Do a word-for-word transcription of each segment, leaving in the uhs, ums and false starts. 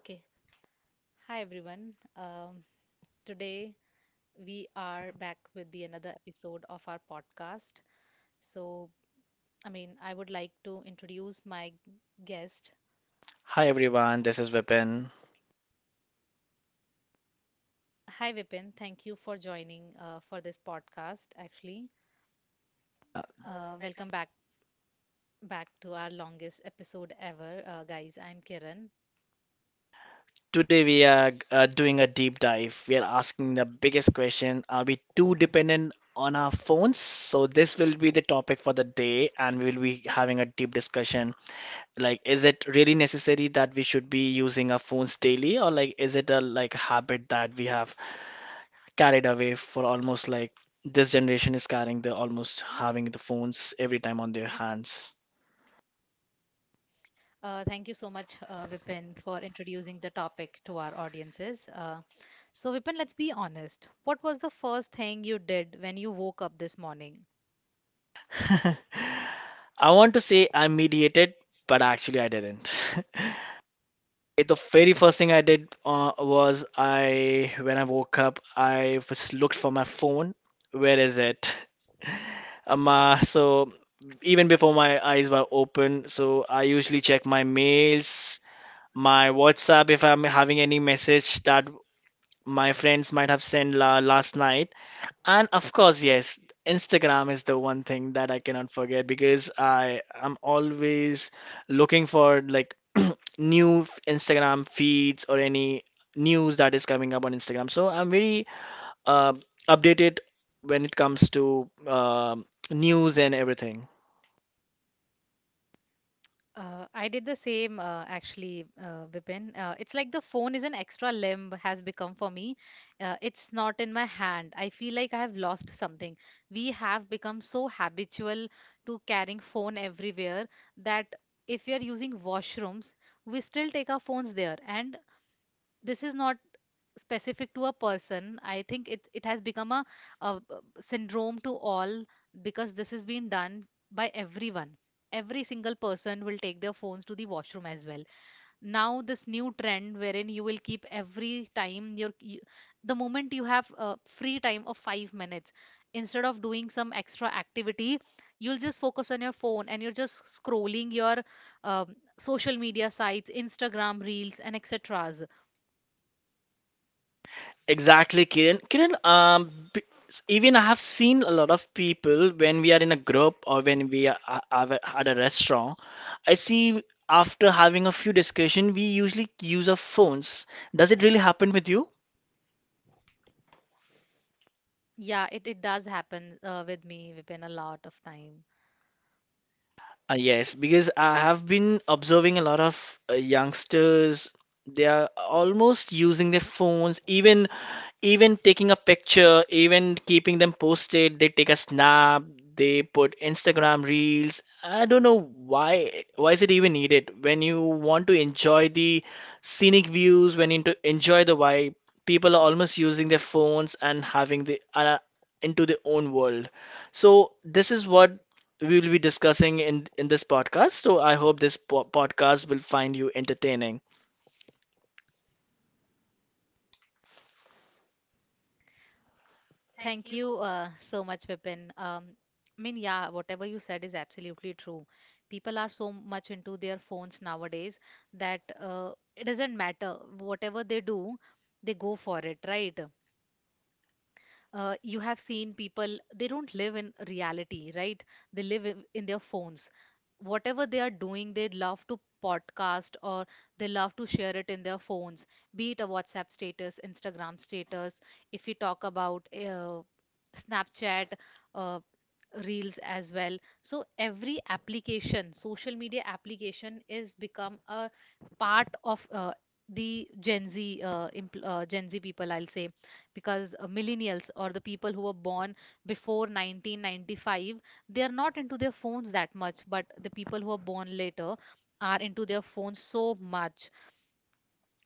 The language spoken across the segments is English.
Okay, hi everyone. Um, today we are back with the another episode of our podcast. So, I mean, I would like to introduce my guest. Hi everyone, this is Vipin. Hi Vipin, thank you for joining uh, for this podcast. Actually, uh, welcome back back to our longest episode ever, uh, guys. I'm Kiran. Today we are uh, doing a deep dive. We are asking the biggest question: Are we too dependent on our phones? So, this will be the topic for the day, and we will be having a deep discussion. Like, is it really necessary that we should be using our phones daily, or like, is it a like habit that we have carried away for almost like this generation is carrying the almost having the phones every time on their hands? Uh, thank you so much, uh, Vipin, for introducing the topic to our audiences. Uh, so, Vipin, let's be honest. What was the first thing you did when you woke up this morning? I want to say I mediated, but actually I didn't. The very first thing I did uh, was I, when I woke up, I was looked for my phone. Where is it? Um, uh, so even before my eyes were open, so I usually check my mails, my WhatsApp if I'm having any message that my friends might have sent la last night. And of course, yes, Instagram is the one thing that I cannot forget, because I am always looking for like new f- Instagram feeds or any news that is coming up on Instagram. So I'm very uh, updated when it comes to um news and everything. Uh, I did the same uh, actually, uh, Vipin. Uh, it's like the phone is an extra limb has become for me. Uh, it's not in my hand. I feel like I have lost something. We have become so habitual to carrying phone everywhere that if we are using washrooms, we still take our phones there. And this is not specific to a person. I think it, it has become a a syndrome to all, because this is being done by everyone. Every single person will take their phones to the washroom as well. Now this new trend wherein you will keep every time your you, the moment you have a free time of five minutes, instead of doing some extra activity, you'll just focus on your phone and you're just scrolling your um, social media sites, Instagram reels, and etc. Exactly, Kiran. Kiran, um, b- even I have seen a lot of people when we are in a group or when we are, are are at a restaurant. I see after having a few discussion, we usually use our phones. Does it really happen with you? Yeah, it, it does happen uh, with me, Vipin, a lot of time. Uh, yes, because I have been observing a lot of uh, youngsters. They are almost using their phones, even even taking a picture, even keeping them posted. They take a snap, they put Instagram reels. I don't know why why is it even needed when you want to enjoy the scenic views, when you to enjoy the vibe. People are almost using their phones and having the uh, into their own world. So this is what we will be discussing in in this podcast. So I hope this po- podcast will find you entertaining. Thank you uh, so much, Vipin. Um, I mean, yeah, whatever you said is absolutely true. People are so much into their phones nowadays that uh, it doesn't matter. Whatever they do, they go for it, right? Uh, you have seen people, they don't live in reality, right? They live in in their phones. Whatever they are doing, they love to podcast or they love to share it in their phones, be it a WhatsApp status, Instagram status. If you talk about uh, Snapchat, uh, reels as well. So every application, social media application, is become a part of uh, the gen z uh, impl- uh, gen z people, I'll say, because uh, millennials or the people who were born before nineteen ninety-five, they are not into their phones that much, but the people who are born later are into their phones so much.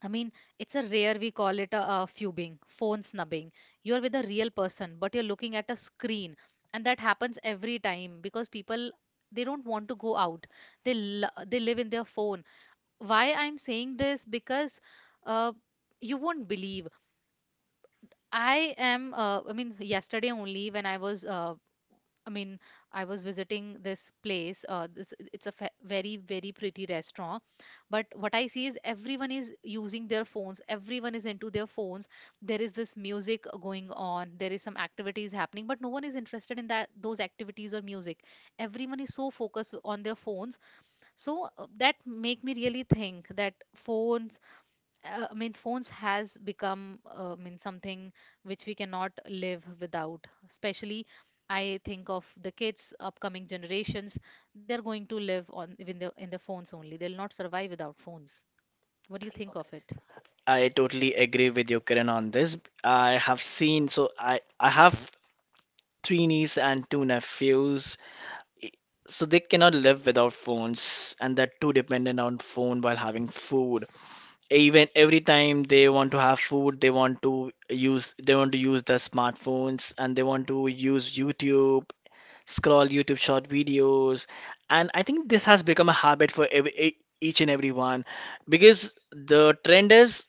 I mean, it's a rare, we call it a, a fubing, phone snubbing. You are with a real person but you're looking at a screen, and that happens every time because people, they don't want to go out. They l- they live in their phone. Why I'm saying this? Because uh, you won't believe. I am, uh, I mean, yesterday only when I was, uh, I mean, I was visiting this place. Uh, this, it's a fe very, very pretty restaurant. But what I see is everyone is using their phones. Everyone is into their phones. There is this music going on. There is some activities happening, but no one is interested in that, those activities or music. Everyone is so focused on their phones. So uh, that make me really think that phones, uh, I mean, phones has become, uh, I mean, something which we cannot live without. Especially, I think of the kids, upcoming generations. They're going to live on in the in the phones only. They'll not survive without phones. What do you think of it? I totally agree with you, Kiran, on this. I have seen, so I I have three nieces and two nephews, so they cannot live without phones, and they're too dependent on phone while having food. Even every time they want to have food, they want to use they want to use their smartphones and they want to use YouTube, scroll YouTube short videos. And I think this has become a habit for every, e- each and everyone, because the trend is,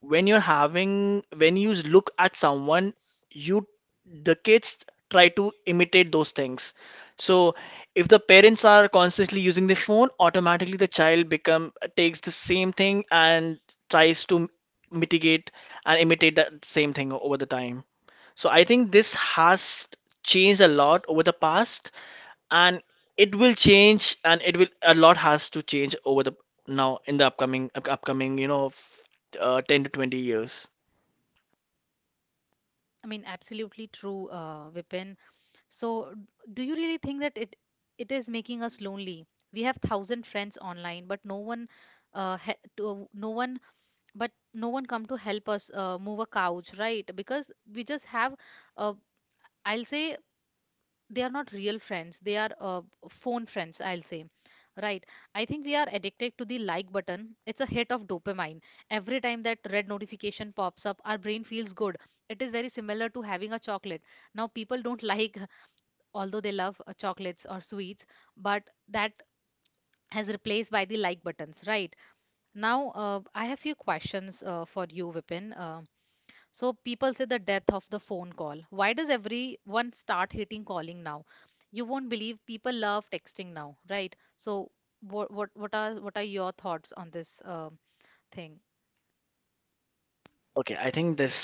when you're having, when you look at someone, you, the kids try to imitate those things. So if the parents are constantly using the phone, automatically the child become takes the same thing and tries to mitigate and imitate that same thing over the time. So I think this has changed a lot over the past, and it will change, and it will a lot has to change over the now in the upcoming up- upcoming you know f- uh, ten to twenty years. I mean, absolutely true, uh, Vipin. So, d- do you really think that it it is making us lonely? We have thousand friends online, but no one, uh, ha to, no one but no one come to help us uh, move a couch, right? Because we just have uh, I'll say, they are not real friends, they are uh, phone friends, I'll say, right? I think we are addicted to the like button. It's a hit of dopamine. Every time that red notification pops up, our brain feels good. It is very similar to having a chocolate. Now people don't like although they love uh, chocolates or sweets, but that has replaced by the like buttons, right? Now, uh, I have few questions uh, for you, Vipin. Uh, so people say the death of the phone call. Why does everyone start hating calling now? You won't believe, people love texting now, right? So what what what are what are your thoughts on this uh, thing? Okay, I think this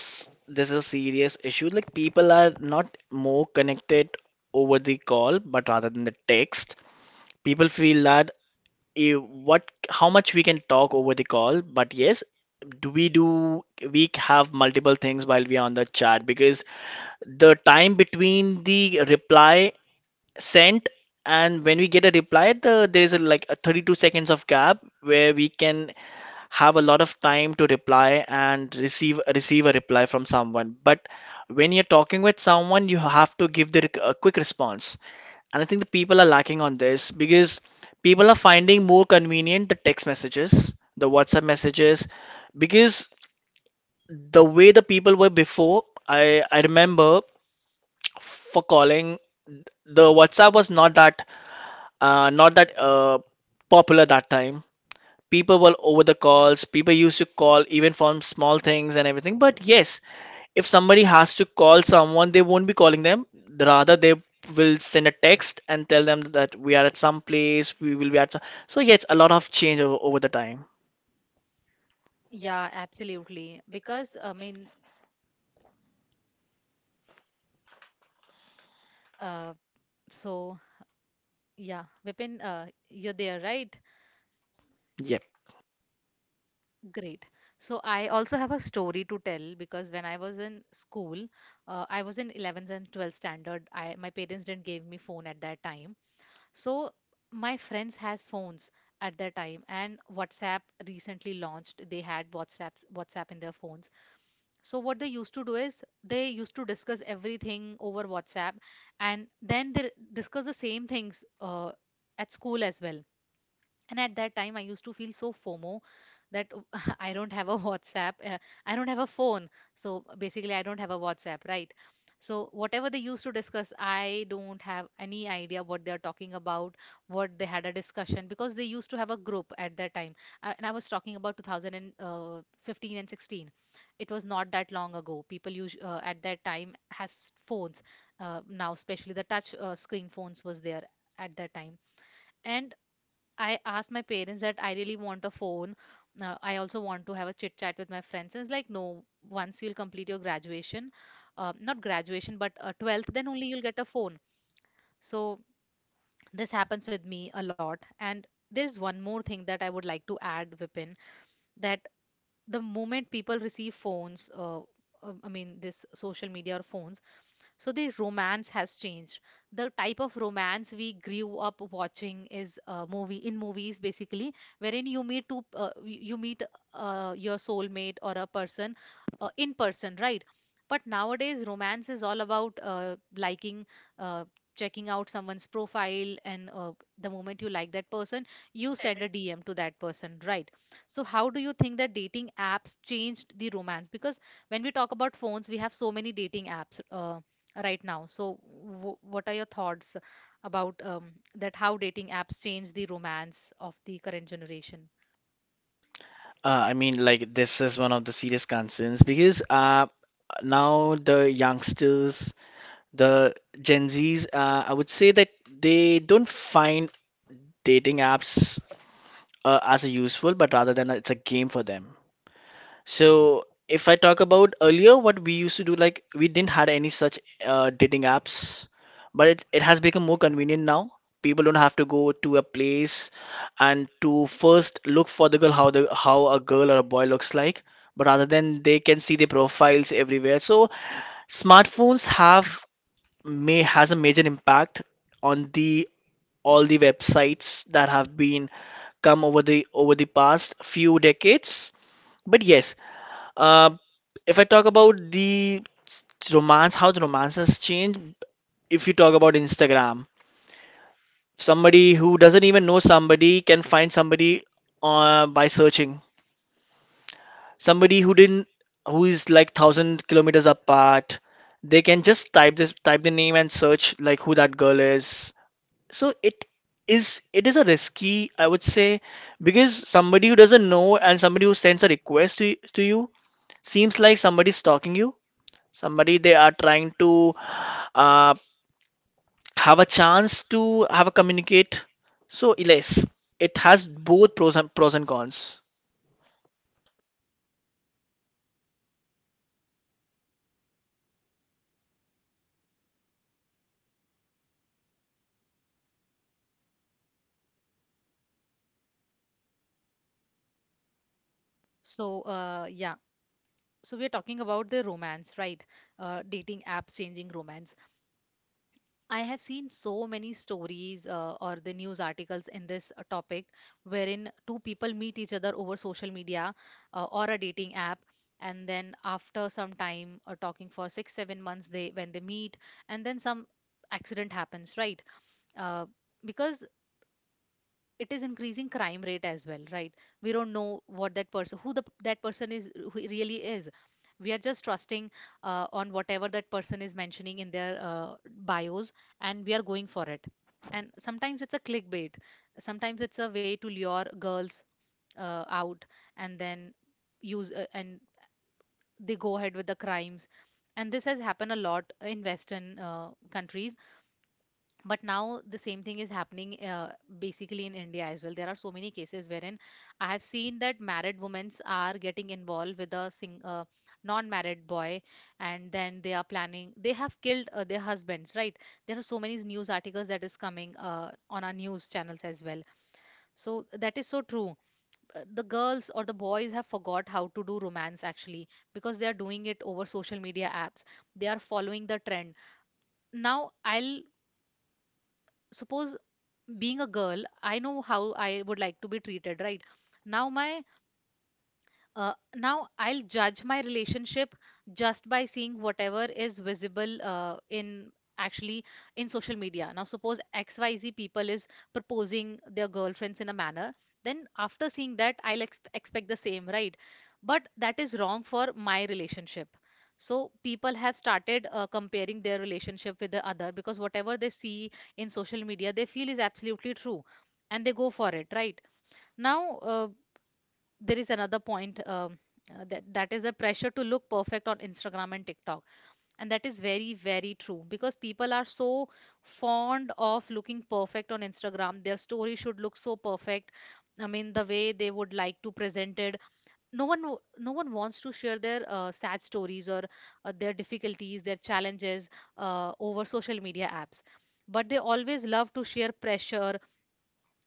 this is a serious issue, like people are not more connected over the call but rather than the text. People feel that, eh, what how much we can talk over the call, but yes, do we do we have multiple things while we are on the chat, because the time between the reply sent and when we get a reply, the there is, a, like, a thirty-two seconds of gap where we can have a lot of time to reply and receive receive a reply from someone. But when you're talking with someone, you have to give the rec- a quick response. And I think the people are lacking on this, because people are finding more convenient the text messages, the WhatsApp messages, because the way the people were before, i i remember, for calling, the WhatsApp was not that uh, not that uh, popular that time. People were over the calls. People used to call even from small things and everything. But yes, if somebody has to call someone, they won't be calling them. Rather, they will send a text and tell them that we are at some place, we will be at some. So yes, a lot of change over, over the time. Yeah, absolutely. Because I mean, uh, so Yeah, Vipin, uh, you're there, right? Yep. Great. So I also have a story to tell, because when I was in school, uh, I was in eleventh and twelfth standard. I My parents didn't give me phone at that time. So my friends has phones at that time, and WhatsApp recently launched. They had WhatsApps WhatsApp in their phones. So what they used to do is they used to discuss everything over WhatsApp, and then they discuss the same things uh, at school as well. And at that time, I used to feel so FOMO that I don't have a WhatsApp, uh, I don't have a phone, so basically I don't have a WhatsApp, right? So whatever they used to discuss, I don't have any idea what they are talking about, what they had a discussion, because they used to have a group at that time. Uh, and I was talking about two thousand fifteen and sixteen. It was not that long ago. People use uh, at that time has phones. Uh, now especially the touch uh, screen phones was there at that time. And I asked my parents that I really want a phone. Uh, I also want to have a chit chat with my friends. And it's like, no, once you'll complete your graduation, uh, not graduation, but uh, twelfth, then only you'll get a phone. So this happens with me a lot. And there's one more thing that I would like to add, Vipin, that the moment people receive phones, uh, uh, I mean, this social media or phones, so the romance has changed. The type of romance we grew up watching is uh, movie in movies basically, wherein you meet two uh, y- you meet uh, your soulmate or a person uh, in person, right? But nowadays, romance is all about uh, liking, uh, checking out someone's profile, and uh, the moment you like that person, you send a D M to that person, right? So how do you think that dating apps changed the romance? Because when we talk about phones, we have so many dating apps, uh, right now. So, w- what are your thoughts about um, that? How dating apps change the romance of the current generation? Uh, I mean, like, this is one of the serious concerns because, uh, now the youngsters. The Gen Zs, uh, I would say that they don't find dating apps, uh, as a useful, but rather than it's a game for them. So if I talk about earlier, what we used to do, like we didn't had any such, uh, dating apps, but it, it has become more convenient now. People don't have to go to a place and to first look for the girl, how the how a girl or a boy looks like, but rather than they can see the profiles everywhere. So smartphones have, may has a major impact on the all the websites that have been come over the over the past few decades. But yes, uh, if I talk about the romance, how the romance has changed, if you talk about Instagram, somebody who doesn't even know somebody can find somebody, uh, by searching. Somebody who didn't, who is like thousand kilometers apart, they can just type this type the name and search like who that girl is. So it is it is a risky, I would say, because somebody who doesn't know and somebody who sends a request to, to you seems like somebody's stalking you. Somebody, they are trying to, uh, have a chance to have a communicate. So yes, it has both pros and pros and cons. So, uh, yeah. So we're talking about the romance, right? Uh, dating apps changing romance. I have seen so many stories uh, or the news articles in this uh, topic, wherein two people meet each other over social media uh, or a dating app, and then after some time uh, talking for six, seven months, they when they meet, and then some accident happens, right? uh, because it is increasing crime rate as well, right? We don't know what that person, who the, that person is, who he really is. We are just trusting uh, on whatever that person is mentioning in their uh, bios, and we are going for it. And sometimes it's a clickbait, sometimes it's a way to lure girls uh, out, and then use uh, and they go ahead with the crimes. And this has happened a lot in western uh, countries, but now the same thing is happening uh, basically in India as well. There are so many cases wherein I have seen that married women are getting involved with a sing- uh, non-married boy, and then they are planning, they have killed uh, their husbands, right? There are so many news articles that is coming uh, on our news channels as well. So that is so true. Uh, the girls or the boys have forgot how to do romance actually, because they are doing it over social media apps. They are following the trend. Now I'll suppose Being a girl, I know how I would like to be treated, right? Now, my uh, now I'll judge my relationship just by seeing whatever is visible uh, in actually in social media. Now, suppose X Y Z people is proposing their girlfriends in a manner, then after seeing that, I'll ex expect the same, right? But that is wrong for my relationship. So people have started uh, comparing their relationship with the other, because whatever they see in social media, they feel is absolutely true, and they go for it, right? Now, uh, there is another point, um, uh, that that is the pressure to look perfect on Instagram and TikTok, and that is very very true because people are so fond of looking perfect on Instagram. Their story should look so perfect. I mean, the way they would like to present it. No one w- no one wants to share their uh, sad stories or uh, their difficulties, their challenges uh, over social media apps. But they always love to share pressure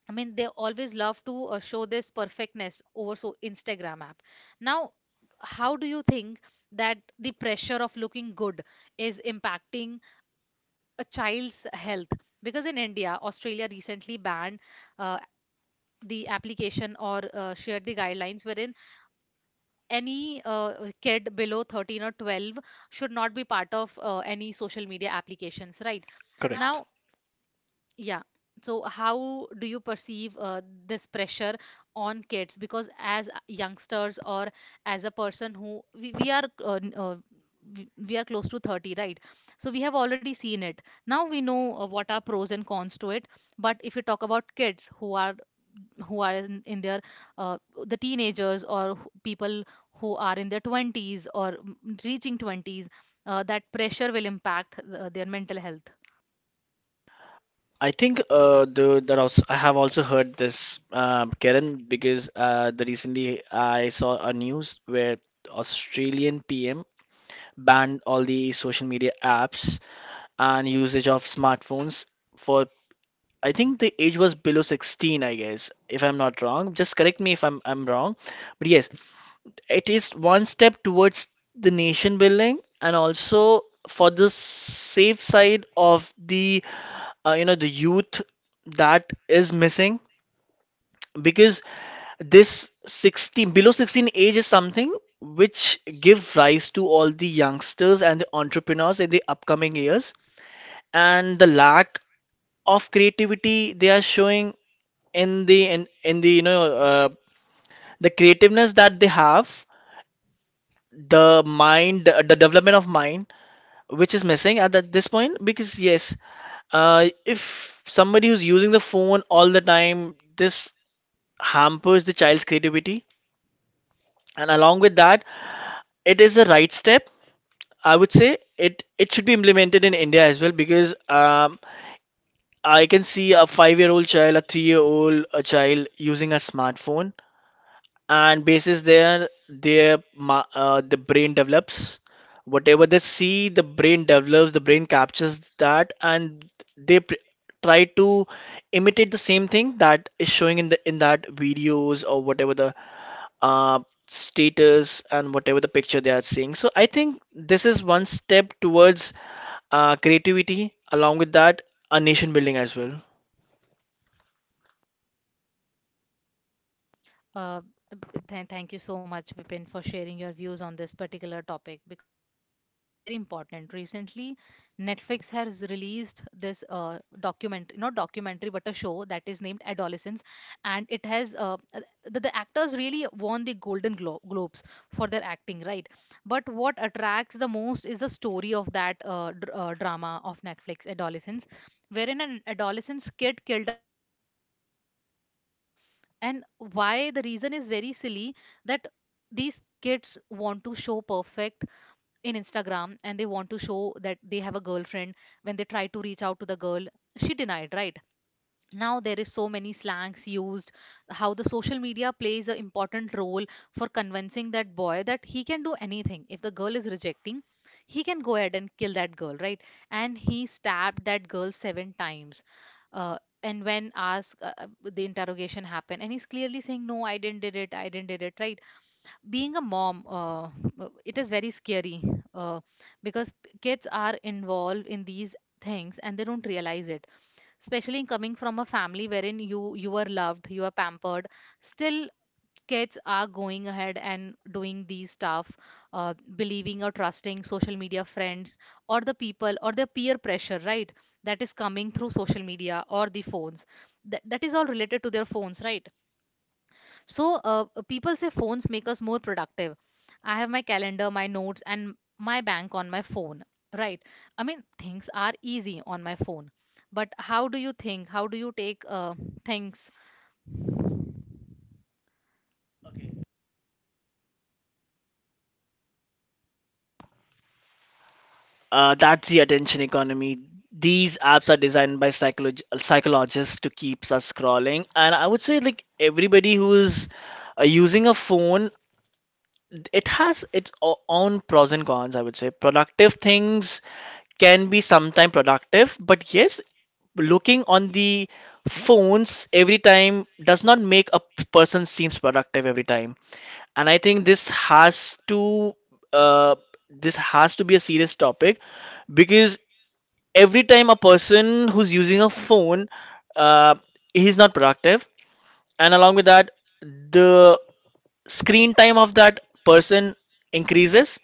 I mean, they always love to uh, show this perfectness over so Instagram app. Now, how do you think that the pressure of looking good is impacting a child's health? Because in India, Australia recently banned uh, the application or uh, shared the guidelines wherein any uh, kid below thirteen or twelve should not be part of uh, any social media applications, right? Correct. Now, yeah. So how do you perceive uh, this pressure on kids? Because as a- youngsters, or as a person who we, we are uh, n- uh, we we are close to thirty, right? So we have already seen it. Now we know uh, what are pros and cons to it. But if you talk about kids who are, who are in, in their uh, the teenagers, or who- people who are in their twenties or mm, reaching twenties, uh, that pressure will impact uh, their mental health. I think, uh, the that also, I have also heard this, um, Karen, because uh, the recently I saw a news where Australian P M banned all the social media apps and usage of smartphones for, I think the age was below sixteen, I guess, if I'm not wrong. Just correct me if I'm I'm wrong. But yes, it is one step towards the nation building and also for the safe side of the uh, you know the youth that is missing, because this sixteen below sixteen age is something which give rise to all the youngsters and the entrepreneurs in the upcoming years, and the lack of creativity they are showing in the in, in the you know uh, the creativeness that they have, the mind the, the development of mind which is missing at that, this point, because yes, uh, if somebody who's using the phone all the time, this hampers the child's creativity, and along with that, it is the right step, I would say. It it should be implemented in India as well, because um, I can see a five-year-old child, a three-year-old a child using a smartphone, and basis there their ma- uh, the brain develops. Whatever they see, the brain develops, the brain captures that, and they pr try to imitate the same thing that is showing in the in that videos or whatever the, uh, status, and whatever the picture they are seeing. So I think this is one step towards, uh, creativity, along with that, a nation building as well. Uh, th- Thank you so much, Vipin, for sharing your views on this particular topic, because this is very important. Recently, Netflix has released this uh, documentary, not documentary, but a show that is named Adolescence, and it has uh, uh, the, the actors really won the Golden Glo- Globes for their acting, right? But what attracts the most is the story of that uh, dr- uh, drama of Netflix, Adolescence, wherein an adolescent kid killed a girl. And why? The reason is very silly, that these kids want to show perfect in Instagram, and they want to show that they have a girlfriend. When they try to reach out to the girl, she denied, right? Now, there is so many slangs used, how the social media plays an important role for convincing that boy that he can do anything. If the girl is rejecting, he can go ahead and kill that girl, right? And he stabbed that girl seven times. uh, and when asked, uh, uh, the interrogation happened, and he's clearly saying, no, I didn't did it, I didn't did it, right? Being a mom, uh, uh, it is very scary uh, because kids are involved in these things and they don't realize it, especially coming from a family wherein you you are loved, you are pampered. Still, kids are going ahead and doing these stuff, uh, believing or trusting social media friends or the people or the peer pressure, right? That is coming through social media or the phones, that, that is all related to their phones, right? So uh, people say phones make us more productive. I have my calendar, my notes, and my bank on my phone, right? I mean, things are easy on my phone. But how do you think? How do you take uh, things? Uh, that's the attention economy. These apps are designed by psycholog- psychologists to keep us scrolling. And I would say, like, everybody who's uh, using a phone, it has its o- own pros and cons, I would say. Productive things can be sometimes productive, but yes, looking on the phones every time does not make a p- person seems productive every time. And I think this has to, uh, this has to be a serious topic, because every time a person who's using a phone, uh, he's not productive. And along with that, the screen time of that person increases,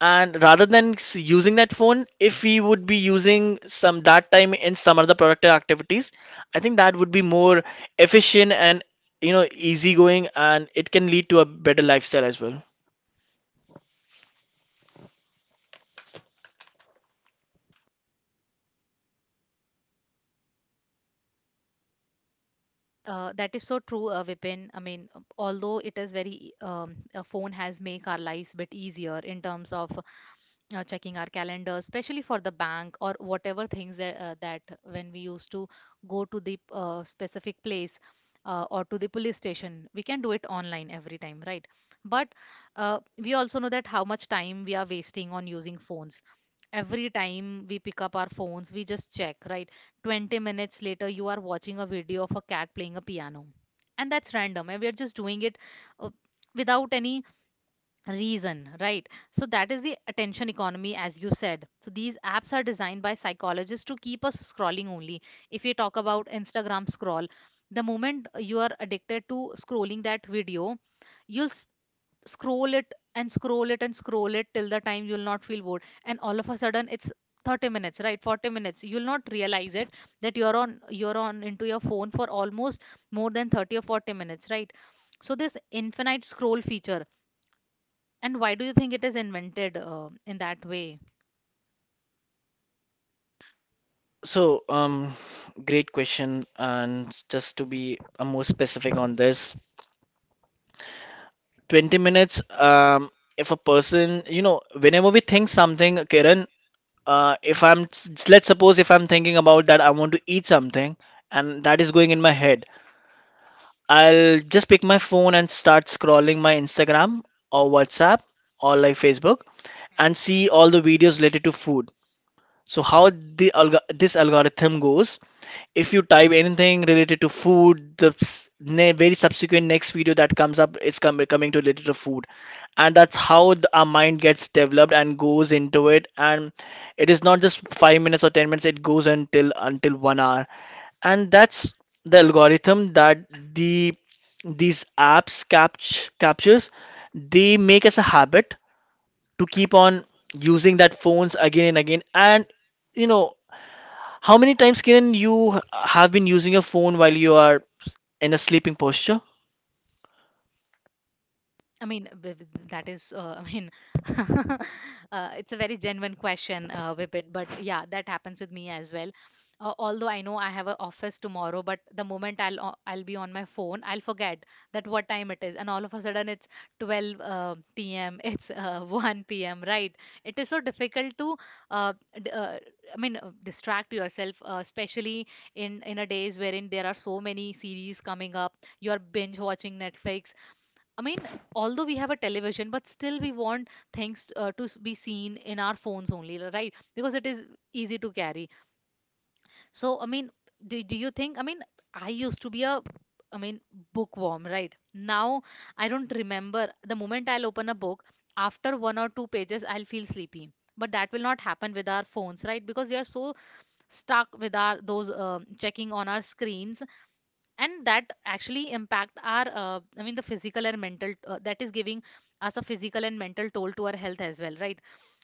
and rather than s- using that phone, if we would be using some that time in some other productive activities, I think that would be more efficient and, you know, easygoing, and it can lead to a better lifestyle as well. Uh, that is so true, uh, Vipin. I mean, um, although it is very, um, a phone has make our lives bit easier in terms of uh, checking our calendar, especially for the bank or whatever things that, uh, that when we used to go to the uh, specific place uh, or to the police station, we can do it online every time, right? But uh, we also know that how much time we are wasting on using phones. Every time we pick up our phones, we just check, right? twenty minutes later you are watching a video of a cat playing a piano, and that's random and we're just doing it uh, without any reason, right? So that is the attention economy, as you said. So these apps are designed by psychologists to keep us scrolling only. If you talk about Instagram scroll, the moment you are addicted to scrolling that video, you'll s- scroll it and scroll it and scroll it till the time you'll not feel bored, and all of a sudden it's thirty minutes, right? forty minutes, you'll not realize it, that you're on you're on into your phone for almost more than thirty or forty minutes, right? So this infinite scroll feature, and why do you think it is invented uh, in that way? So um great question. And just to be, uh, more specific on this twenty minutes, um if a person, you know, whenever we think something, Kiran, uh, if I'm let's suppose if I'm thinking about that I want to eat something, and that is going in my head, I'll just pick my phone and start scrolling my Instagram or WhatsApp or like Facebook and see all the videos related to food. So how the alg this algorithm goes, if you type anything related to food, the s- ne very subsequent next video that comes up is com coming to related to food. And that's how the, our mind gets developed and goes into it. And it is not just five minutes or ten minutes, it goes until until one hour. And that's the algorithm that the these apps capt captures. They make us a habit to keep on using that phones again and again and you know how many times can you h- have been using your phone while you are in a sleeping posture. I mean, th- th- that is, uh, I mean, uh, it's a very genuine question, uh, Vipin. But yeah, that happens with me as well. Uh, although I know I have an office tomorrow, but the moment I'll o- I'll be on my phone, I'll forget that what time it is, and all of a sudden it's twelve uh, p m. It's uh, one p m. Right? It is so difficult to, uh, d- uh, I mean, uh, distract yourself, uh, especially in in a days wherein there are so many series coming up. You are binge watching Netflix. I mean, although we have a television, but still we want things uh, to s- be seen in our phones only, right? Because it is easy to carry. So, I mean, do, do you think? I mean, I used to be a, I mean, bookworm, right? Now I don't remember, the moment I'll open a book, after one or two pages, I'll feel sleepy. But that will not happen with our phones, right? Because we are so stuck with our those um checking on our screens, and that actually impact our uh, I mean the physical and mental uh, that is giving us a physical and mental toll to our health as well, right?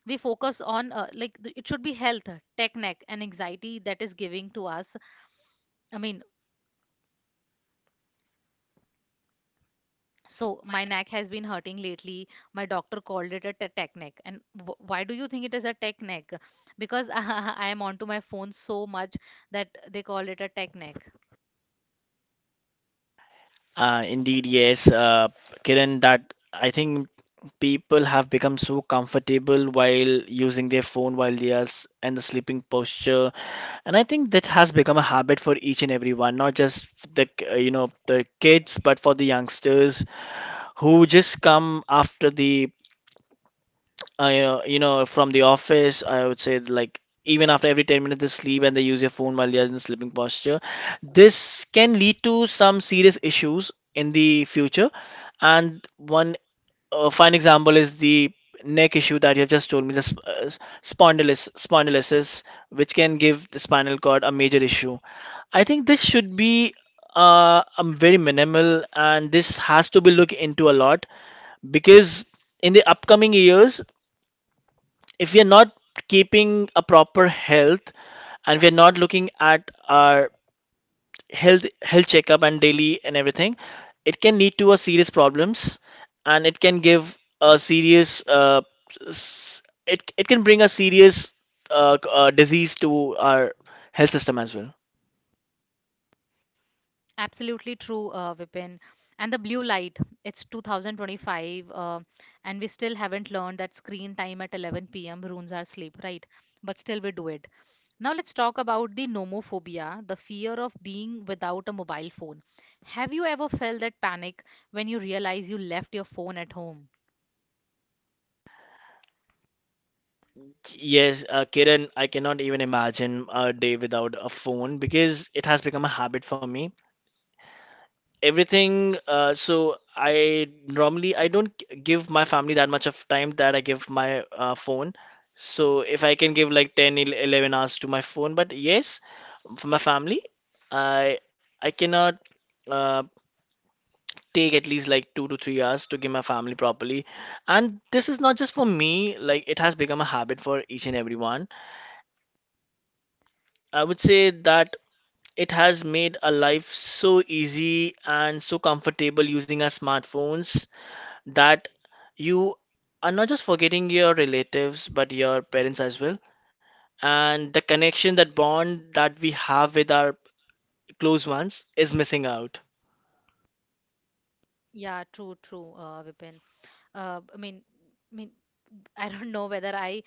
We focus on uh, like th- it should be health, tech neck and anxiety, that is giving to us. I mean, so my neck has been hurting lately. My doctor called it a te- tech neck, and w- why do you think it is a tech neck? Because I am onto my phone so much that they call it a tech neck. Uh, indeed, yes, uh, Kiran, that I think people have become so comfortable while using their phone while they are s- in the sleeping posture. And I think that has become a habit for each and everyone, not just f- the k- uh, you know the kids, but for the youngsters who just come after the I, uh, you know, from the office. I would say like even after every ten minutes they sleep and they use your phone while they're in sleeping posture. This can lead to some serious issues in the future. And one a fine example is the neck issue that you have just told me, the sp- uh, spondylis- spondylosis, which can give the spinal cord a major issue. I think this should be uh, um, very minimal, and this has to be looked into a lot, because in the upcoming years, if we are not keeping a proper health and we are not looking at our health health checkup and daily and everything, it can lead to a serious problems. And it can give a serious uh, s- it, it can bring a serious uh, c- uh, disease to our health system as well. Absolutely true, uh, Vipin. And the blue light, it's two thousand twenty-five, uh, and we still haven't learned that screen time at eleven p m ruins our sleep, right? But still, we do it. Now, let's talk about the nomophobia, the fear of being without a mobile phone. Have you ever felt that panic when you realize you left your phone at home? Yes, uh, Kiran, I cannot even imagine a day without a phone because it has become a habit for me. Everything, uh, so I normally I don't g- give my family that much of time that I give my uh, phone. So if I can give like ten, ele- eleven hours to my phone, but yes, for my family, I I cannot uh, take at least like two to three hours to give my family properly. And this is not just for me, like it has become a habit for each and everyone. I would say that it has made a life so easy and so comfortable using our smartphones, that you are not just forgetting your relatives but your parents as well, and the connection that bond that we have with our close ones is missing out. Yeah, true, true, uh, Vipin. Uh, I mean, I mean, I don't know whether I,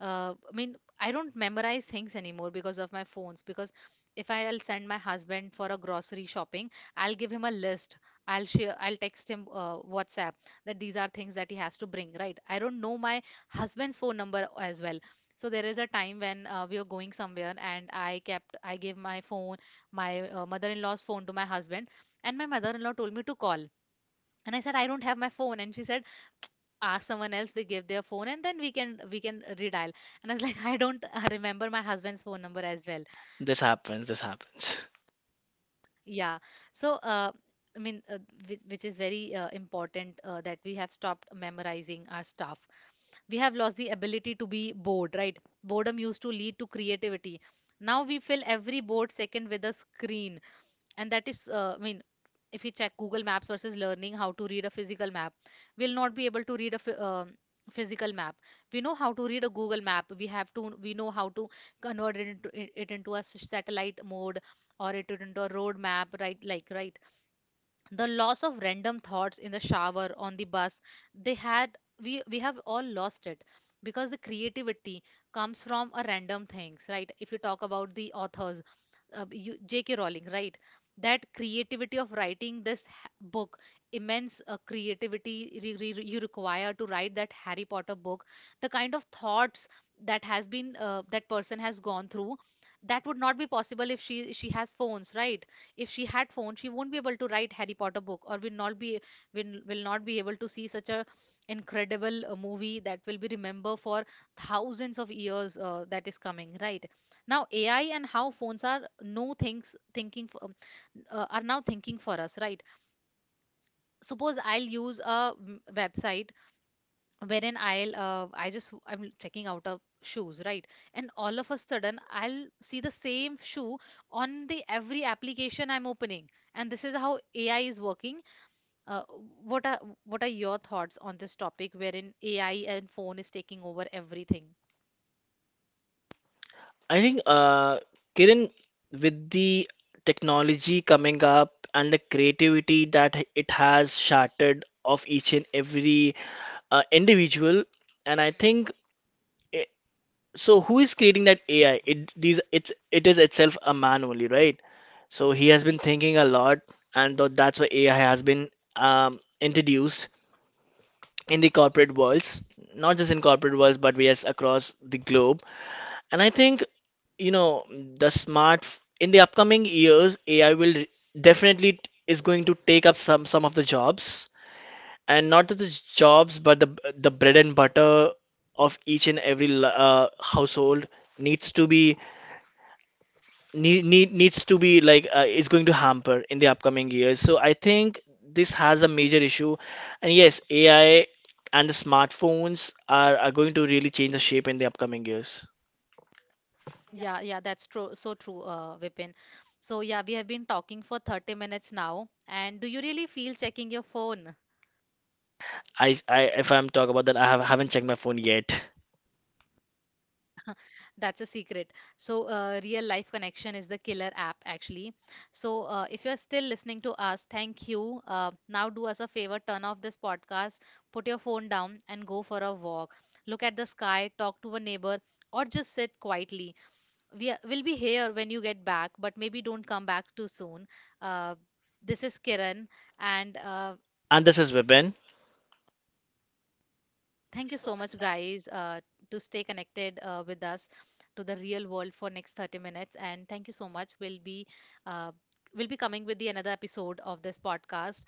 uh, I mean, I don't memorize things anymore because of my phones. Because if I'll send my husband for a grocery shopping, I'll give him a list. I'll share, I'll text him uh, WhatsApp that these are things that he has to bring, right? I don't know my husband's phone number as well. So there is a time when uh, we were going somewhere and I kept, I gave my phone, my uh, mother-in-law's phone to my husband, and my mother-in-law told me to call. And I said, I don't have my phone. And she said, ask someone else, they give their phone and then we can, we can redial. And I was like, I don't uh, remember my husband's phone number as well. This happens this happens Yeah. So uh, I mean uh, which, which is very uh, important uh, that we have stopped memorizing our stuff. We have lost the ability to be bored, right? Boredom used to lead to creativity. Now we fill every bored second with a screen, and that is uh, I mean, if you check Google Maps versus learning how to read a physical map, we'll not be able to read a phy- um physical map. We know how to read a Google map. We have to, we know how to convert it into, it it into a s- satellite mode, or it into a road map, right? Like, right. The loss of random thoughts in the shower, on the bus, they had, we we have all lost it, because the creativity comes from a random things, right? If you talk about the authors, uh, you, JK Rowling, right? That creativity of writing this ha- book, immense uh, creativity re- re- re- you require to write that Harry Potter book. The kind of thoughts that has been uh, that person has gone through, that would not be possible if she she has phones, right? If she had phone, she won't be able to write Harry Potter book, or will not be, will, will not be able to see such a incredible uh, movie that will be remembered for thousands of years uh, that is coming, right? Now AI, and how phones are no things thinking for, uh, are now thinking for us, right? Suppose I'll use a mm, website wherein I'll uh, I just I'm checking out of shoes, right? And all of a sudden I'll see the same shoe on the every application I'm opening. And this is how A I is working. Uh, what are what are your thoughts on this topic wherein A I and phone is taking over everything? I think uh Kiran, with the technology coming up and the creativity that it has shattered of each and every uh, individual, and I think, so who is creating that A I? It these it's It is itself a man only, right? So he has been thinking a lot, and tho- that's why A I has been um, introduced in the corporate worlds, not just in corporate worlds, but yes, across the globe. And I think, you know the smart in the upcoming years, A I will re- definitely is going to take up some some of the jobs, and not just the jobs, but the the bread and butter of each and every l- uh, household needs to be need, need needs to be like uh, is going to hamper in the upcoming years. So I think this has a major issue, and yes, A I and the smartphones are, are going to really change the shape in the upcoming years. Yeah, yeah, that's true. So true, uh, Vipin. So yeah, we have been talking for thirty minutes now. And do you really feel checking your phone? I, I If I'm talking about that, I have, haven't checked my phone yet. That's a secret. So, uh, real life connection is the killer app, actually. So, uh, if you're still listening to us, thank you. Uh, now, do us a favor, turn off this podcast, put your phone down, and go for a walk. Look at the sky, talk to a neighbor, or just sit quietly. We are, will be here when you get back, but maybe don't come back too soon. Uh, this is Kiran, and uh, And this is Vipin. thank you so much, guys, uh, to stay connected uh, with us to the real world for next thirty minutes. And thank you so much. We'll be uh, we'll be coming with the another episode of this podcast.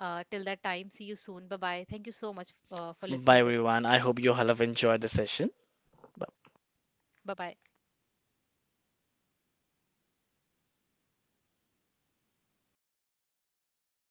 Uh, till that time, see you soon. Bye bye. Thank you so much uh, for Bye listening this. everyone. I hope you all have enjoyed the session. Bye bye.